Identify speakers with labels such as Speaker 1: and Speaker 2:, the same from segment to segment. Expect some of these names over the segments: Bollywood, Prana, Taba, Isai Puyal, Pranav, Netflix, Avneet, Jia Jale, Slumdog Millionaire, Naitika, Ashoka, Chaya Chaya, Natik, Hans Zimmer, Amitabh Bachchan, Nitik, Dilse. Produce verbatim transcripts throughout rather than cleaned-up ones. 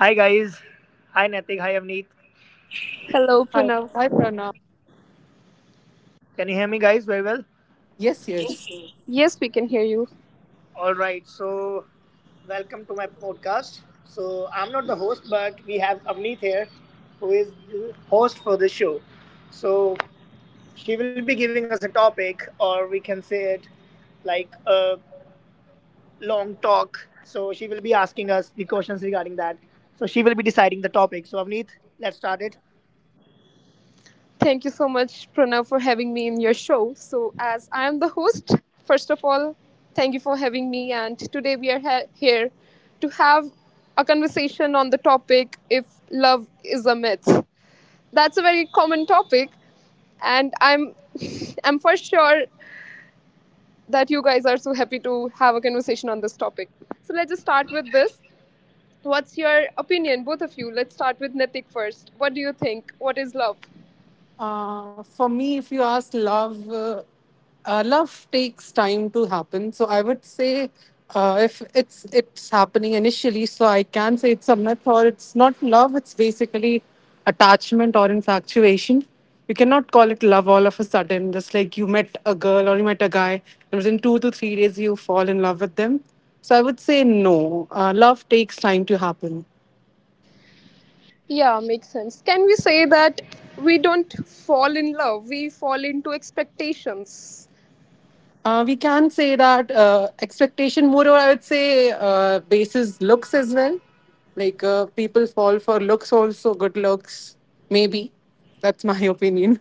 Speaker 1: Hi guys. Hi Natik. Hi Avneet.
Speaker 2: Hello,
Speaker 3: Hi,
Speaker 2: Pranav.
Speaker 3: hi, Prana.
Speaker 1: Can you hear me guys very well?
Speaker 3: Yes, yes.
Speaker 2: Yes, we can hear you.
Speaker 1: All right. So welcome to my podcast. So I'm not the host, but we have Avneet here, who is the host for the show. So she will be giving us a topic, or we can say it like a long talk. So she will be asking us the questions regarding that. So she will be deciding the topic. So Avneet, let's start it.
Speaker 2: Thank you so much, Pranav, for having me in your show. So, as I am the host, first of all, thank you for having me. And today we are ha- here to have a conversation on the topic if love is a myth. That's a very common topic, and I'm I'm for sure that you guys are so happy to have a conversation on this topic. So let's just start with this. What's your opinion, both of you? Let's start with Nitik first. What do you think? What is love?
Speaker 3: Uh, for me, if you ask love, uh, uh, love takes time to happen. So I would say, uh, if it's it's happening initially, so I can say it's a myth or it's not love. It's basically attachment or infatuation. You cannot call it love all of a sudden. Just like you met a girl or you met a guy, and within two to three days you fall in love with them. So I would say no. Uh, love takes time to happen.
Speaker 2: Yeah, makes sense. Can we say that we don't fall in love, we fall into expectations?
Speaker 3: Uh, we can say that uh, expectation more, or I would say, uh, bases looks as well. Like uh, people fall for looks also, good looks, maybe. That's my opinion.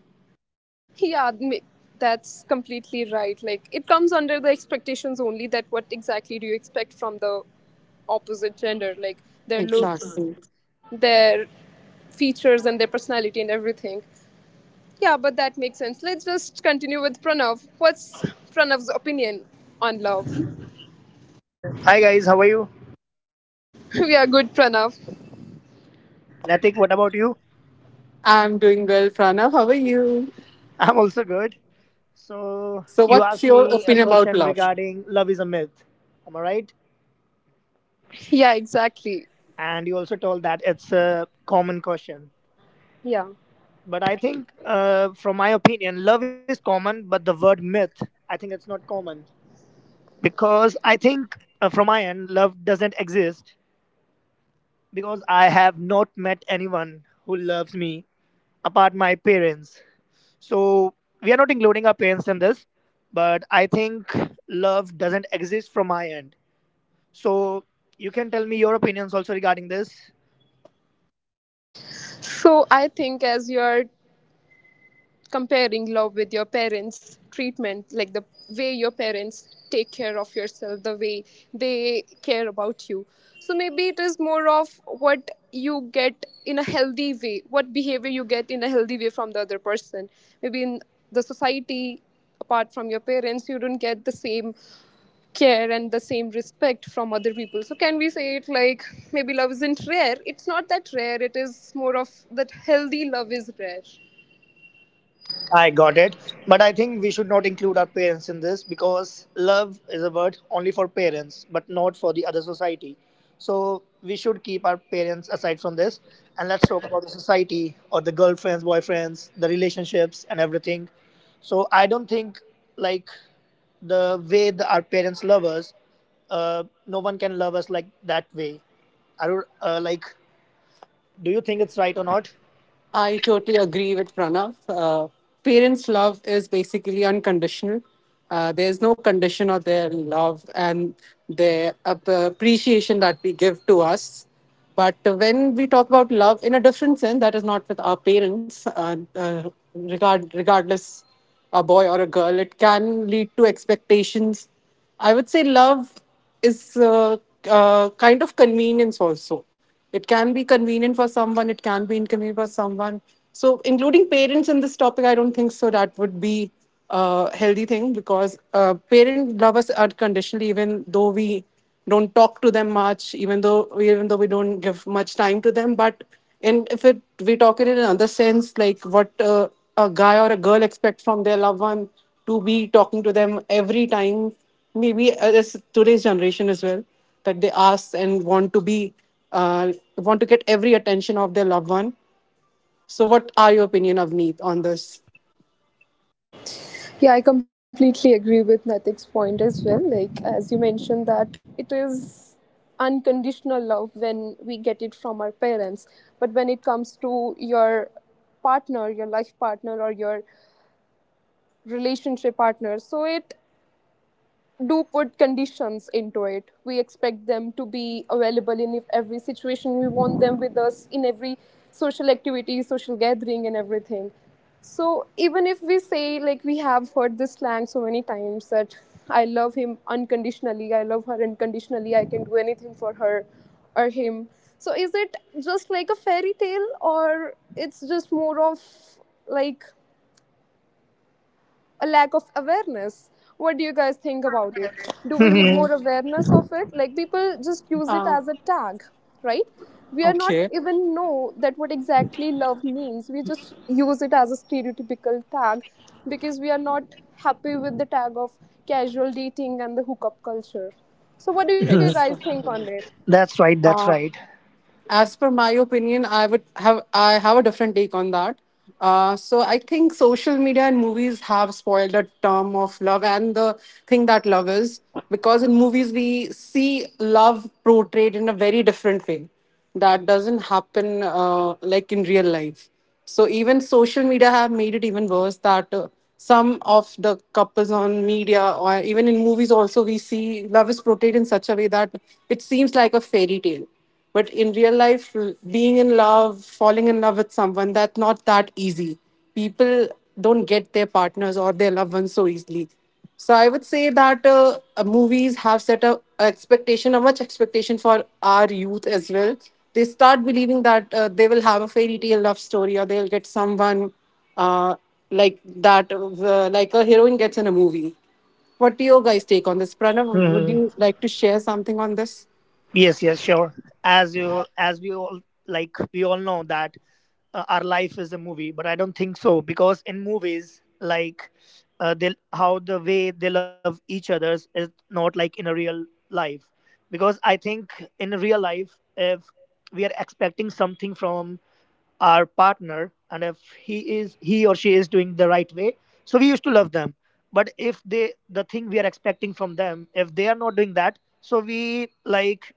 Speaker 2: Yeah, ma- that's completely right. Like, it comes under the expectations only, that what exactly do you expect from the opposite gender? Like, their looks,
Speaker 3: Exactly.
Speaker 2: their features, and their personality, and everything. Yeah, but that makes sense. Let's just continue with Pranav. What's Pranav's opinion on love?
Speaker 1: Hi guys. How are you?
Speaker 2: We are good, Pranav.
Speaker 1: Natik, what about you?
Speaker 3: I'm doing well, Pranav. How are you?
Speaker 1: I'm also good. So
Speaker 3: So,
Speaker 1: you
Speaker 3: what's
Speaker 1: asked
Speaker 3: your
Speaker 1: me a
Speaker 3: opinion about
Speaker 1: question
Speaker 3: love?
Speaker 1: regarding love is a myth. Am I right?
Speaker 2: Yeah, exactly.
Speaker 1: And you also told that it's a common question.
Speaker 2: Yeah.
Speaker 1: But I think, uh, from my opinion, love is common, but the word myth, I think it's not common. Because I think, uh, from my end, love doesn't exist because I have not met anyone who loves me apart my parents. So we are not including our parents in this, but I think love doesn't exist from my end. So you can tell me your opinions also regarding this.
Speaker 2: So I think, as you are comparing love with your parents' treatment, like the way your parents take care of yourself, the way they care about you, so maybe it is more of what you get in a healthy way, what behavior you get in a healthy way from the other person. Maybe in the society, apart from your parents, you don't get the same care and the same respect from other people. So can we say it like, maybe love isn't rare, it's not that rare, it is more of that healthy love is rare.
Speaker 1: I got it. But I think we should not include our parents in this because love is a word only for parents, but not for the other society. So we should keep our parents aside from this and let's talk about the society or the girlfriends, boyfriends, the relationships and everything. So I don't think like the way the, our parents love us, uh, no one can love us like that way. I don't, uh, like, do you think it's right or not?
Speaker 3: I totally agree with Pranav. Uh, parents' love is basically unconditional. Uh, there's no condition of their love and their ap- appreciation that we give to us. But when we talk about love in a different sense, that is not with our parents, uh, uh, regard, regardless a boy or a girl, it can lead to expectations. I would say love is uh, uh, kind of convenience also. It can be convenient for someone, it can be inconvenient for someone. So, including parents in this topic, I don't think so. That would be a healthy thing because uh, parents love us unconditionally, even though we don't talk to them much, even though even though we don't give much time to them. But in if it we talk it in another sense, like what uh, a guy or a girl expects from their loved one, to be talking to them every time. Maybe uh, it's today's generation as well, that they ask and want to be uh, want to get every attention of their loved one. So what are your opinion of on this.
Speaker 2: Yeah, I completely agree with Natik's point as well. Like, as you mentioned, that it is unconditional love when we get it from our parents. But when it comes to your partner, your life partner, or your relationship partner, so it do put conditions into it. We expect them to be available in every situation. We want them with us in every social activity, social gathering, and everything. So even if we say like, we have heard this slang so many times, that I love him unconditionally, I love her unconditionally, I can do anything for her or him. So is it just like a fairy tale, or it's just more of like a lack of awareness. What do you guys think about it? Do we need more awareness of it? Like, people just use it
Speaker 3: uh,
Speaker 2: as a tag, right? We are not
Speaker 3: okay,
Speaker 2: even know that what exactly love means. We just use it as a stereotypical tag because we are not happy with the tag of casual dating and the hookup culture. So what do you guys
Speaker 3: it's,
Speaker 2: think on it?
Speaker 1: That's right. That's
Speaker 3: uh,
Speaker 1: right.
Speaker 3: as per my opinion, i would have i have a different take on that. Uh, so I think social media and movies have spoiled the term of love and the thing that love is, because in movies we see love portrayed in a very different way that doesn't happen uh, like in real life. So even social media have made it even worse, that uh, some of the couples on media or even in movies also, we see love is portrayed in such a way that it seems like a fairy tale. But in real life, l- being in love, falling in love with someone, that's not that easy. People don't get their partners or their loved ones so easily. So I would say that uh, uh, movies have set a a expectation, a much expectation for our youth as well. They start believing that uh, they will have a fairy tale love story, or they'll get someone uh, like that, uh, like a heroine gets in a movie. What do you guys take on this? Pranav, would
Speaker 1: Hmm.
Speaker 3: you like to share something on this?
Speaker 1: Yes. Yes. Sure. As you, as we all like, we all know that uh, our life is a movie, but I don't think so because in movies, like, uh, they how the way they love each others is not like in a real life, because I think in a real life, if we are expecting something from our partner and if he is he or she is doing the right way, so we used to love them. But if they the thing we are expecting from them, if they are not doing that, so we like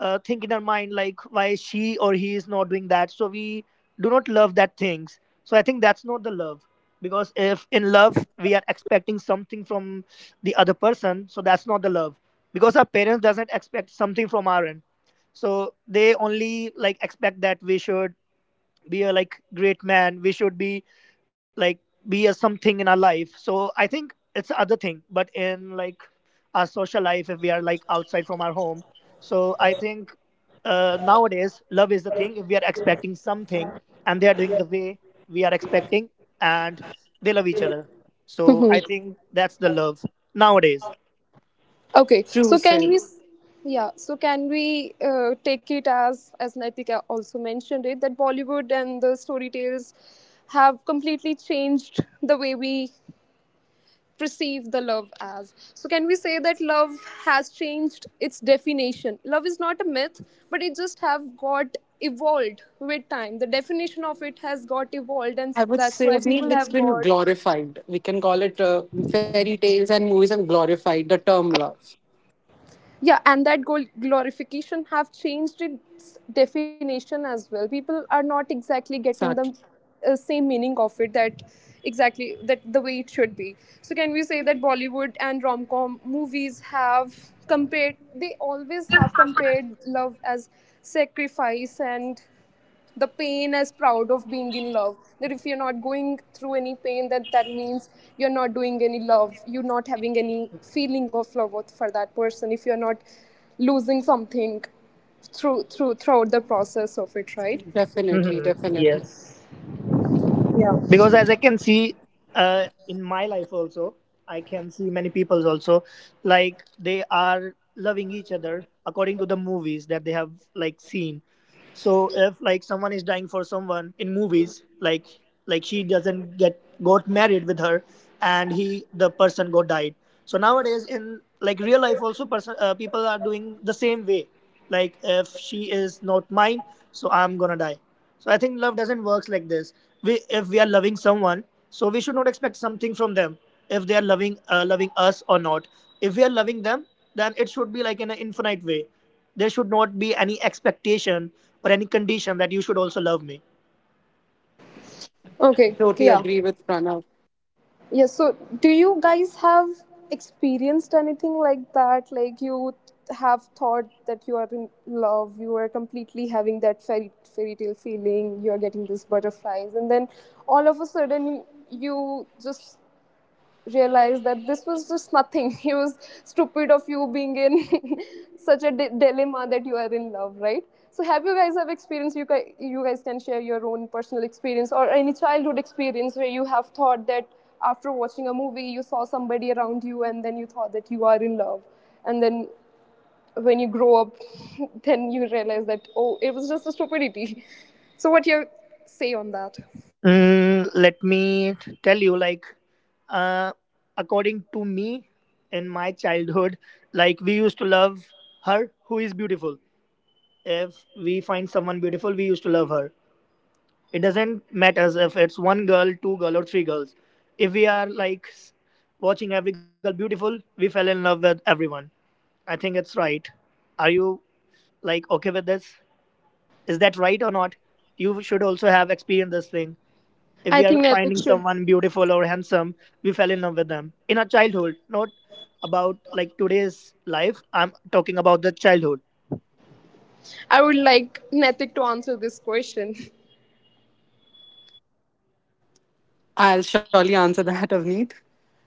Speaker 1: uh, think in our mind like why she or he is not doing that. So we do not love that things. So I think that's not the love, because if in love we are expecting something from the other person, so that's not the love, because our parents doesn't expect something from our end, so they only like expect that we should be a like great man, we should be like be a something in our life. So I think it's the other thing. But in like our social life, if we are like outside home, so I think uh, nowadays love is the thing, if we are expecting something and they are doing the way we are expecting and they love each other, so I think that's the love nowadays.
Speaker 2: Okay,
Speaker 3: True,
Speaker 2: so can
Speaker 3: sir.
Speaker 2: we, s- yeah, so can we uh, take it as as Naitika also mentioned it, that Bollywood and the story tales have completely changed the way we perceive the love as. So can say that love has changed its definition? Love is not a myth, but it just have got evolved with time. The definition of it has got evolved, and s-
Speaker 3: I would
Speaker 2: that's
Speaker 3: say,
Speaker 2: why people
Speaker 3: Avneet,
Speaker 2: have
Speaker 3: it's
Speaker 2: got,
Speaker 3: been glorified. We can call it uh, fairy tales and movies have glorified the term love.
Speaker 2: yeah, and that goal glorification have changed its definition as well. People are not exactly getting the
Speaker 3: Exactly.
Speaker 2: uh, same meaning of it, that exactly that the way it should be. So can we say that Bollywood and rom-com movies have compared, they always have compared love as sacrifice and the pain as proud of being in love, that if you're not going through any pain, that that means you're not doing any love, you're not having any feeling of love for that person, if you're not losing something through through throughout the process of it, right?
Speaker 1: Mhm.
Speaker 3: Definitely, definitely.
Speaker 1: Yes. Because as I can see uh, in my life also, I can see many people also like they are loving each other according to the movies that they have like seen. So if like someone is dying for someone in movies, like like she doesn't get got married with her and he the person got died. So nowadays in like real life also, person uh, people are doing the same way, like if she is not mine, so I'm gonna die. So I think love doesn't works like this. We If we are loving someone, so we should not expect something from them, if they are loving uh, loving us or not. If we are loving them, then it should be like in an infinite way. There should not be any expectation or any condition that you should also love me.
Speaker 2: Okay, yeah.
Speaker 3: Totally agree with Pranav.
Speaker 2: Yes, so do you guys have experienced anything like that? Like, you have thought that you are in love, you are completely having that fairy fairy tale feeling, you are getting these butterflies, and then all of a sudden you just realized that this was just nothing. He was stupid of you being in such a di- dilemma that you are in love, right? So have you guys have experience? You guys, you guys can share your own personal experience or any childhood experience where you have thought that after watching a movie you saw somebody around you and then you thought that you are in love, and then when you grow up, then you realize that oh, it was just a stupidity. So what you say on that?
Speaker 1: Mm, let me tell you, like uh, according to me, in my childhood, like we used to love her who is beautiful. If we find someone beautiful, we used to love her. It doesn't matter if it's one girl, two girl or three girls. If we are like s- watching every girl beautiful, we fell in love with everyone. I think it's right. Are you like okay with this? Is that right or not? You should also have experienced this thing. If
Speaker 2: I
Speaker 1: we
Speaker 2: think
Speaker 1: are
Speaker 2: Netik
Speaker 1: finding
Speaker 2: should.
Speaker 1: someone beautiful or handsome, we fell in love with them in our childhood. Not about like today's life, I'm talking about the childhood.
Speaker 2: I would like Netik to answer this question.
Speaker 3: I'll surely answer that, Avneet.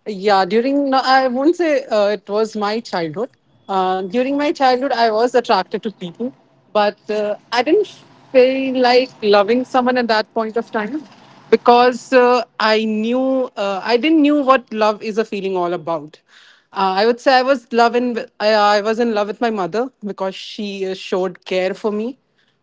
Speaker 3: Yeah, during, no, I won't say uh, it was my childhood. Uh, during my childhood, I was attracted to people, but uh, I didn't feel like loving someone at that point of time, because uh, I knew, uh, I didn't knew what love is, a feeling all about. Uh, I would say I was love in, I, I was in love with my mother because she uh, showed care for me,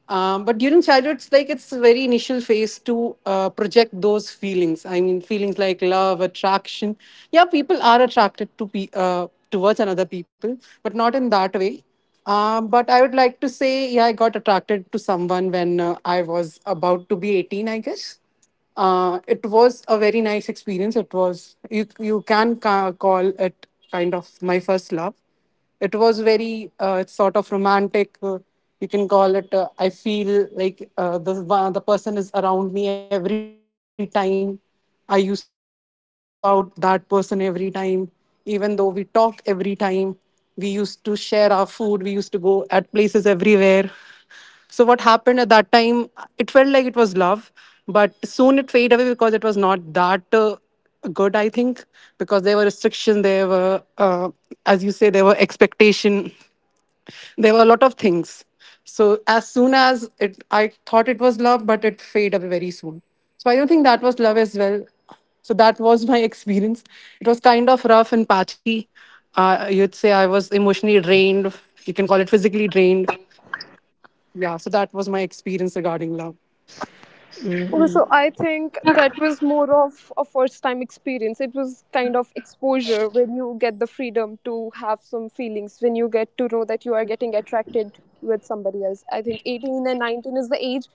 Speaker 3: um, but during childhood, it's like it's a very initial phase to uh, project those feelings. I mean, feelings like love, attraction. Yeah, people are attracted to pe- uh, towards another people, but not in that way. Um, but I would like to say, yeah, I got attracted to someone when uh, I was about to be eighteen, I guess. Uh, it was a very nice experience. It was you you can ca- call it kind of my first love. It was very uh, It's sort of romantic. Uh, you can call it. Uh, I feel like uh, the one- the person is around me every time. I used to think about that person every time, even though we talked every time. We used to share our food. We used to go at places everywhere. So what happened at that time? It felt like it was love, but soon it faded away because it was not that uh, good. I think because there were restrictions, there were, uh, as you say, there were expectation, there were a lot of things. So as soon as it, I thought it was love, but it faded away very soon. So I don't think that was love as well. So that was my experience. It was kind of rough and patchy. Uh, you'd say I was emotionally drained. You can call it physically drained, yeah. So that was my experience regarding love.
Speaker 2: Okay, so I think that was more of a first time experience. It was kind of exposure when you get the freedom to have some feelings, when you get to know that you are getting attracted with somebody else. I think eighteen and nineteen is the age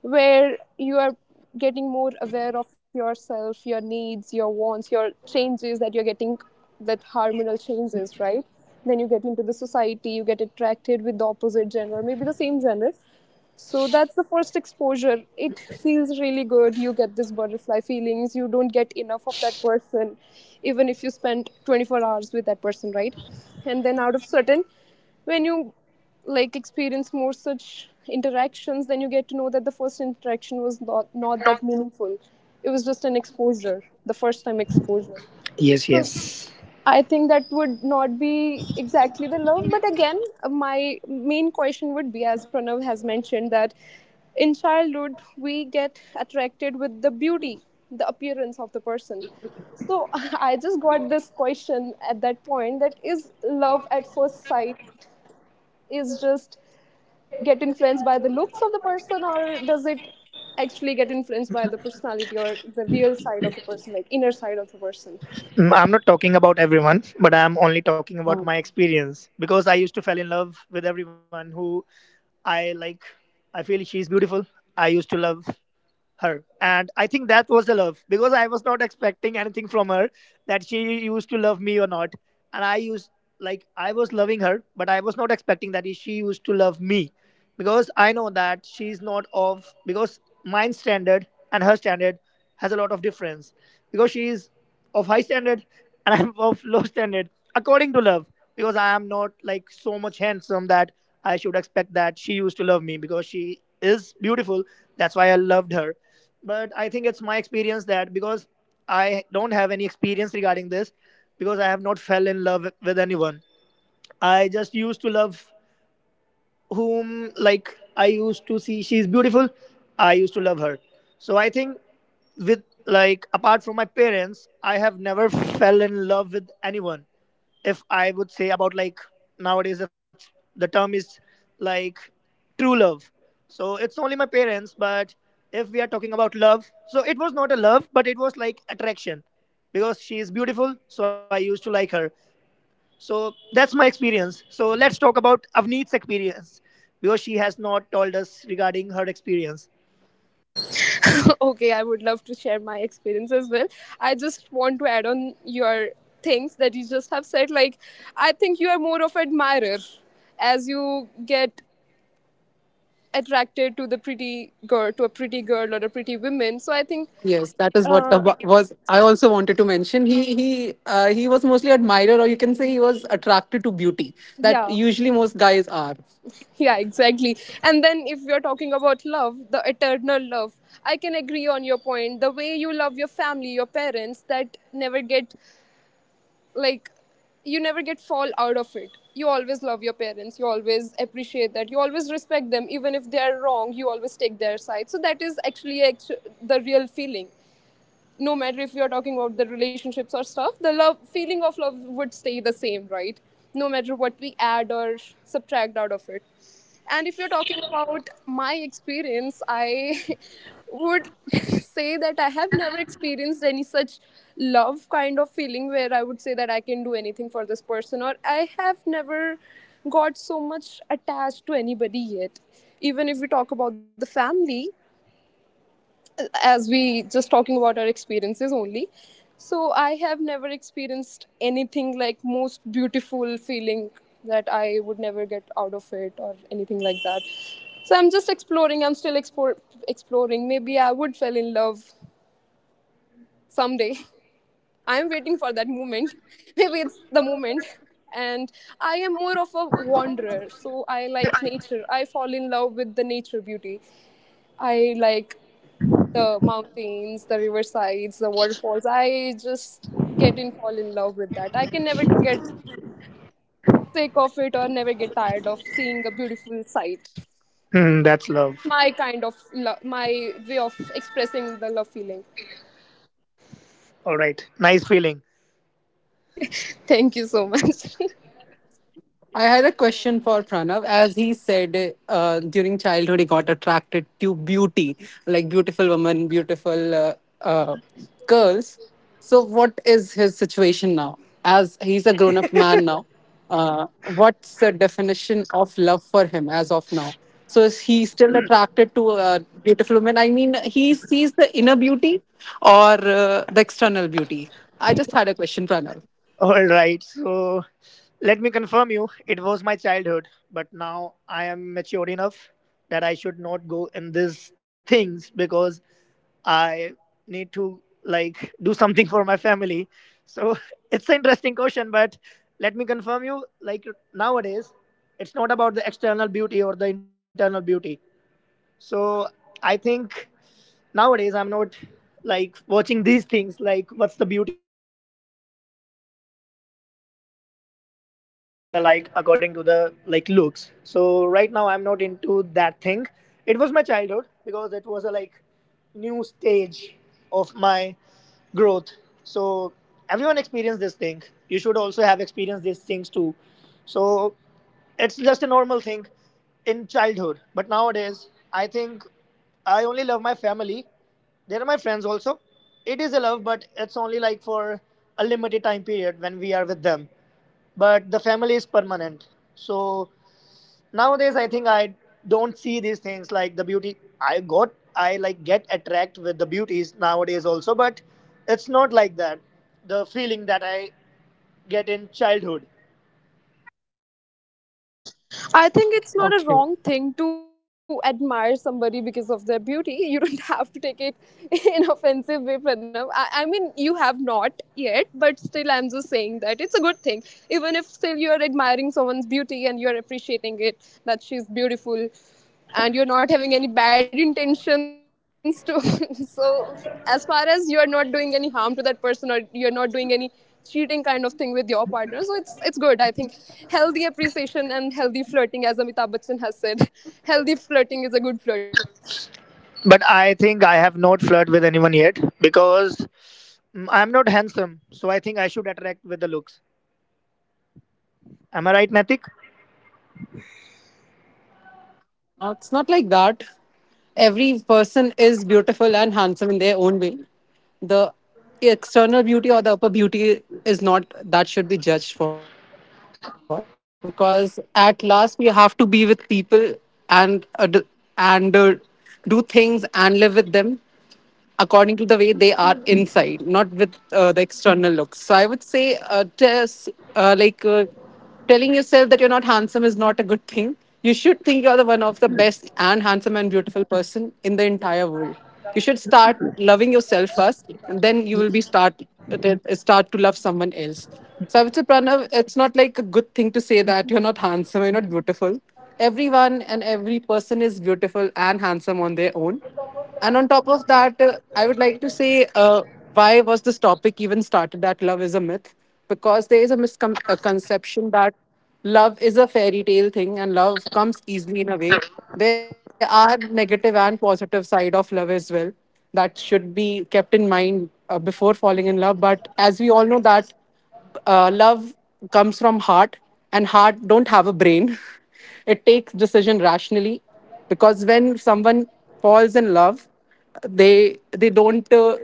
Speaker 2: where you are getting more aware of yourself, your needs, your wants, your changes that you're getting, that hormonal changes, right? Then you get into the society, you get attracted with the opposite gender, maybe the same gender. So that's the first exposure. It feels really good. You get this butterfly feelings. You don't get enough of that person, even if you spend twenty-four hours with that person, right? And then out of certain, when you like experience more such interactions, then you get to know that the first interaction was not, not that meaningful. It was just an exposure, the first time exposure.
Speaker 1: Yes,
Speaker 2: So
Speaker 1: yes.
Speaker 2: I think that would not be exactly the love, but again, my main question would be, as Pranav has mentioned, that in childhood we get attracted with the beauty, the appearance of the person. So I just got this question at that point, that is love at first sight is just get influenced by the looks of the person, or does it actually get influenced by the personality or the real side of the person, like inner side of the person.
Speaker 1: Mm, I'm not talking about
Speaker 3: Uh,
Speaker 1: everyone, but I'm only talking about my experience, because I used to fall in love with everyone who I like. I feel she's beautiful. I used to love her and I think that was the love, because I was not expecting anything from her that she used to love me or not. And I used like I was loving her, but I was not expecting that she used to love me, because I know that she's not of because mine standard and her standard has a lot of difference, because she is of high standard and I'm of low standard according to love, because I am not like so much handsome that I should expect that she used to love me. Because she is beautiful, that's why I loved her. But I think it's my experience, that because I don't have any experience regarding this, because I have not fell in love with anyone. I just used to love whom like I used to see she's beautiful. I used to love her. So I think with like apart from my parents, I have never fell in love with anyone. If I would say about like nowadays it's, the term is like true love. So it's only my parents. But if we are talking about love, so it was not a love, but it was like attraction, because she is beautiful, so I used to like her. So that's my experience. So let's talk about Avneet's experience, because she has not told us regarding her experience.
Speaker 2: Okay, I would love to share my experience as well. I just want to add on your things that you just have said. Like, I think you are more of admirer as you get attracted to the pretty girl, to a pretty girl or a pretty
Speaker 3: yes,
Speaker 2: woman. So
Speaker 3: that
Speaker 2: I
Speaker 3: is
Speaker 2: think,
Speaker 3: what Taba was. I also wanted to mention he he uh, he was mostly admirer, or you can say he was attracted to beauty. That usually
Speaker 2: yeah,
Speaker 3: most guys are.
Speaker 2: yeah, exactly. And then if you're talking about love, the eternal love, I can agree on your point. The way you love your family, your parents, that never get like, you never get fall out of it, you always love your parents, you always appreciate that, you always respect them even if they are wrong, you always take their side. So that is actually actu- the real feeling. No matter if you're talking about the relationships or stuff, the love feeling of love would stay the same, right? No matter what we add or subtract out of it. And if you're talking about my experience, I would say that I have never experienced any such love kind of feeling where I would say that I can do anything for this person, or I have never got so much attached to anybody yet. Even if we talk about the family, as we just talking about our experiences only, so I have never experienced anything like most beautiful feeling that I would never get out of it or anything like that. So I'm just exploring, I'm still explore, exploring. Maybe I would fall in love someday. I'm waiting for that moment. Maybe it's the moment, and I am more of a wanderer, so I like nature, I fall in love with the nature beauty. I like the mountains, the riversides, the waterfalls. I just get in fall in love with that. I can never get sick of it or never get tired of seeing a beautiful sight.
Speaker 1: Hmm, that's love.
Speaker 2: My kind of lo- my way of expressing the love feeling.
Speaker 1: All right, nice feeling.
Speaker 2: Thank you so much.
Speaker 3: I had a question for Pranav. As he said, uh, during childhood, he got attracted to beauty, like beautiful women, beautiful uh, uh, girls. So, what is his situation now? As he's a grown up man now, uh, what's the definition of love for him as of now? So, is he still attracted to uh, beautiful women? I mean, he sees the inner beauty or uh, the external beauty? I just had a question, Pranav.
Speaker 1: All right, so let me confirm you, it was my childhood, but now I am mature enough that I should not go in these things, because I need to like do something for my family. So it's an interesting question, but let me confirm you, like nowadays, it's not about the external beauty or the internal beauty. So I think nowadays I'm not like watching these things like what's the beauty according to the like looks. So right now I'm not into that thing. It was my childhood, because it was a like new stage of my growth. So everyone experienced this thing. You should also have experienced these things too. So it's just a normal thing in childhood. But nowadays I think I only love my family. They're my friends also. It is a love, but it's only like for a limited time period when we are with them. But the family is permanent. So nowadays I think I don't see these things like the beauty. i got I like get attract with the beauties nowadays also, but it's not like that the feeling that I get in childhood.
Speaker 2: I think it's not a
Speaker 3: Okay.
Speaker 2: wrong thing to admire somebody because of their beauty. You don't have to take it in offensive way, Pranav. I, I mean, you have not yet, but still, I'm just saying that it's a good thing. Even if still you're admiring someone's beauty and you're appreciating it, that she's beautiful and you're not having any bad intentions to so as far as you're not doing any harm to that person, or you're not doing any cheating kind of thing with your partner, so it's it's good. I think healthy appreciation and healthy flirting, as Amitabh Bachchan has said, healthy flirting is a good flirt.
Speaker 1: But I think I have not flirted with anyone yet, because mm, I'm not handsome. So I think I should attract with the looks. Am I right, Natik?
Speaker 3: Uh, it's not like that. Every person is beautiful and handsome in their own way. The external beauty or the upper beauty is not that should be judged for, because at last we have to be with people and uh, d- and uh, do things and live with them according to the way they are inside, not with uh, the external looks. So I would say, uh, just uh, like. Uh, Telling yourself that you're not handsome is not a good thing. You should think you're the one of the best and handsome and beautiful person in the entire world. You should start loving yourself first, and then you will be start start to love someone else. So I would say, Pranav, it's not like a good thing to say that you're not handsome, you're not beautiful. Everyone and every person is beautiful and handsome on their own. And on top of that, uh, I would like to say uh, why was this topic even started, that love is a myth? Because there is a misconception that love is a fairy tale thing and love comes easily in a way. There are negative and positive side of love as well that should be kept in mind uh, before falling in love. But as we all know that uh, love comes from heart and heart don't have a brain. It takes decision rationally, because when someone falls in love, they they don't uh,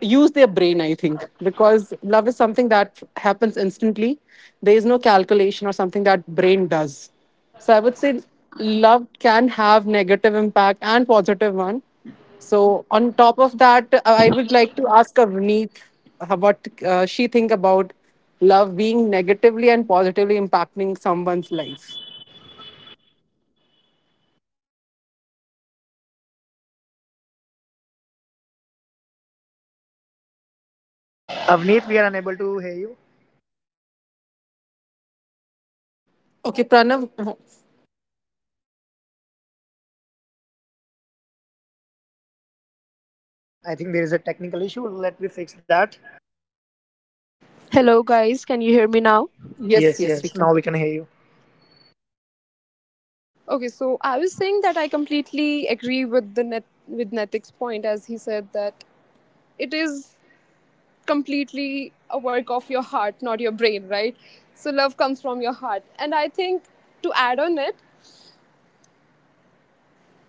Speaker 3: use their brain. I think because love is something that happens instantly. There is no calculation or something that brain does. So I would say love can have negative impact and positive one. So on top of that, uh, I would like to ask Avneet uh, what uh, she think about love being negatively and positively impacting someone's life.
Speaker 2: I actually like your point, Nitik, that love comes from your heart. Hello,
Speaker 1: Avneet,
Speaker 2: can
Speaker 1: we
Speaker 2: you
Speaker 1: are
Speaker 2: guys
Speaker 1: unable
Speaker 2: hear
Speaker 1: to
Speaker 2: me?
Speaker 1: hear you.
Speaker 2: Hello? But I can hear you
Speaker 3: Okay,
Speaker 2: guys.
Speaker 3: Pranav. uh,
Speaker 1: I think there is a technical issue, let me fix that.
Speaker 2: Hello, guys, can you hear me now?
Speaker 1: Yes, yes, now we can
Speaker 3: Yes,
Speaker 1: hear you.
Speaker 3: yes, we
Speaker 2: Okay, so I was saying that I completely agree with the net with Netik's point, as he said that it is completely a work of your heart, not your brain, right? So love comes from your heart, and I think to add on it,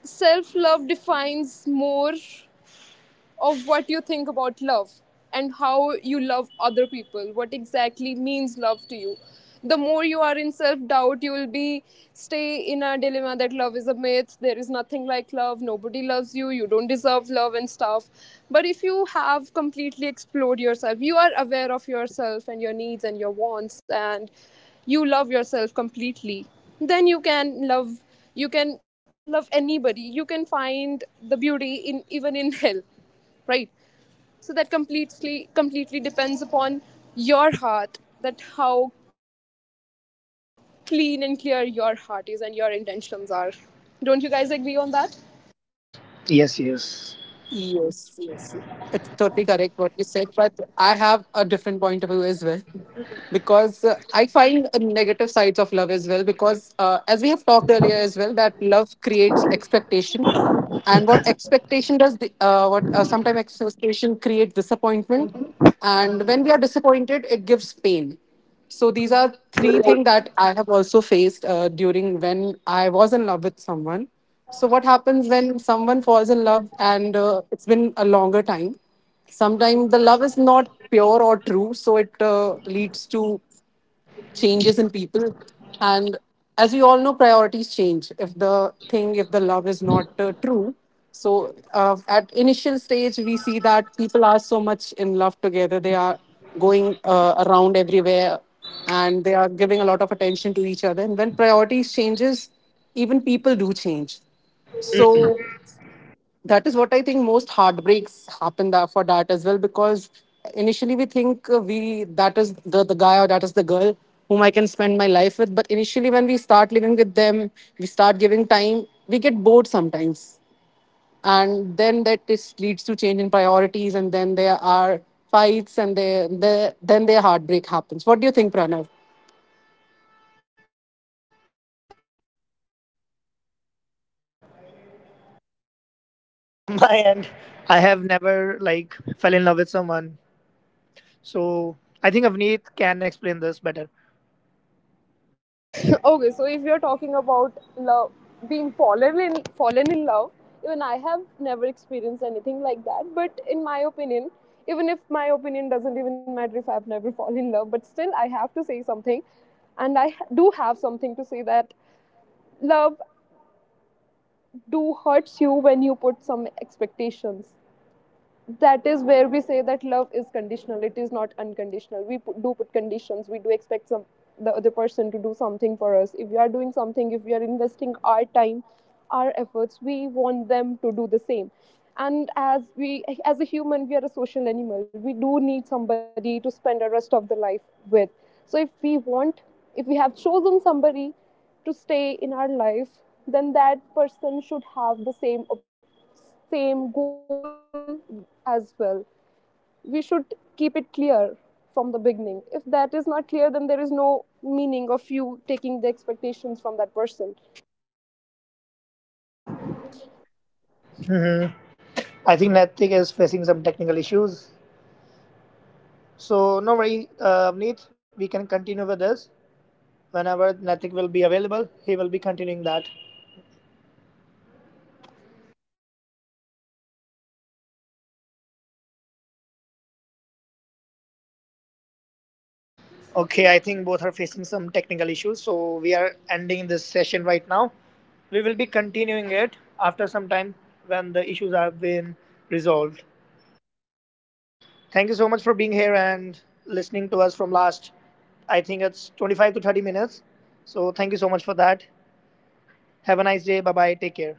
Speaker 2: self love defines more of what you think about love and how you love other people, what exactly means love to you. The more you are in self doubt, you will be stay in a dilemma that love is a myth, there is nothing like love, nobody loves you, you don't deserve love and stuff. But if you have completely explored yourself, you are aware of yourself and your needs and your wants, and you love yourself completely, then you can love, you can love anybody. You can find the beauty in even in hell, right? So that completely completely depends upon your heart, that how clean and clear your heart is and your intentions are. Don't you guys agree on that?
Speaker 1: Yes, yes.
Speaker 3: Yes, yes. It's totally correct what you said, but I have a different point of view as well. Because uh, I find uh, negative sides of love as well. Because uh, as we have talked earlier as well, that love creates expectation, and what expectation does? The, uh, what uh, sometimes expectation creates disappointment, and when we are disappointed, it gives pain. So these are three things that I have also faced uh, during when I was in love with someone. So what happens when someone falls in love and uh, it's been a longer time? Sometimes the love is not pure or true, so it uh, leads to changes in people, and as we all know priorities change if the thing if the love is not uh, true. So uh, at initial stage we see that people are so much in love together, they are going uh, around everywhere and they are giving a lot of attention to each other, and when priorities changes, even people do change. So that is what I think most heartbreaks happen, that for that as well, because initially we think uh, we that is the the guy or that is the girl whom I can spend my life with. But initially when we start living with them, we start giving time, we get bored sometimes, and then that is leads to change in priorities, and then there are fights, and there there then their heartbreak happens. What do you think, Pranav?
Speaker 4: And I have never like fell in love with someone. So I think Avneet can explain this better.
Speaker 2: Okay, so if you're talking about love being fallen in fallen in love, even I have never experienced anything like that. But in my opinion, even if my opinion doesn't even matter if I've never fallen in love, but still I have to say something, and I do have something to say, that love do hurts you when you put some expectations. That is where we say that love is conditional, it is not unconditional. We put, do put conditions, we do expect some, the other person to do something for us, if we are doing something, if we are investing our time, our efforts, we want them to do the same. And as we as a human, we are a social animal, we do need somebody to spend the rest of the life with. So if we want if we have chosen somebody to stay in our life, then that person should have the same same goal as well. We should keep it clear from the beginning. If that is not clear, then there is no meaning of you taking the expectations from that person.
Speaker 1: Mm-hmm. I think Netflix is facing some technical issues. So no worry, uh, Avneet, we can continue with this. Whenever Netflix will be available, he will be continuing that. Okay, I think both are facing some technical issues. So we are ending this session right now. We will be continuing it after some time when the issues have been resolved. Thank you so much for being here and listening to us from last, I think it's twenty-five to thirty minutes. So thank you so much for that. Have a nice day. Bye bye. Take care.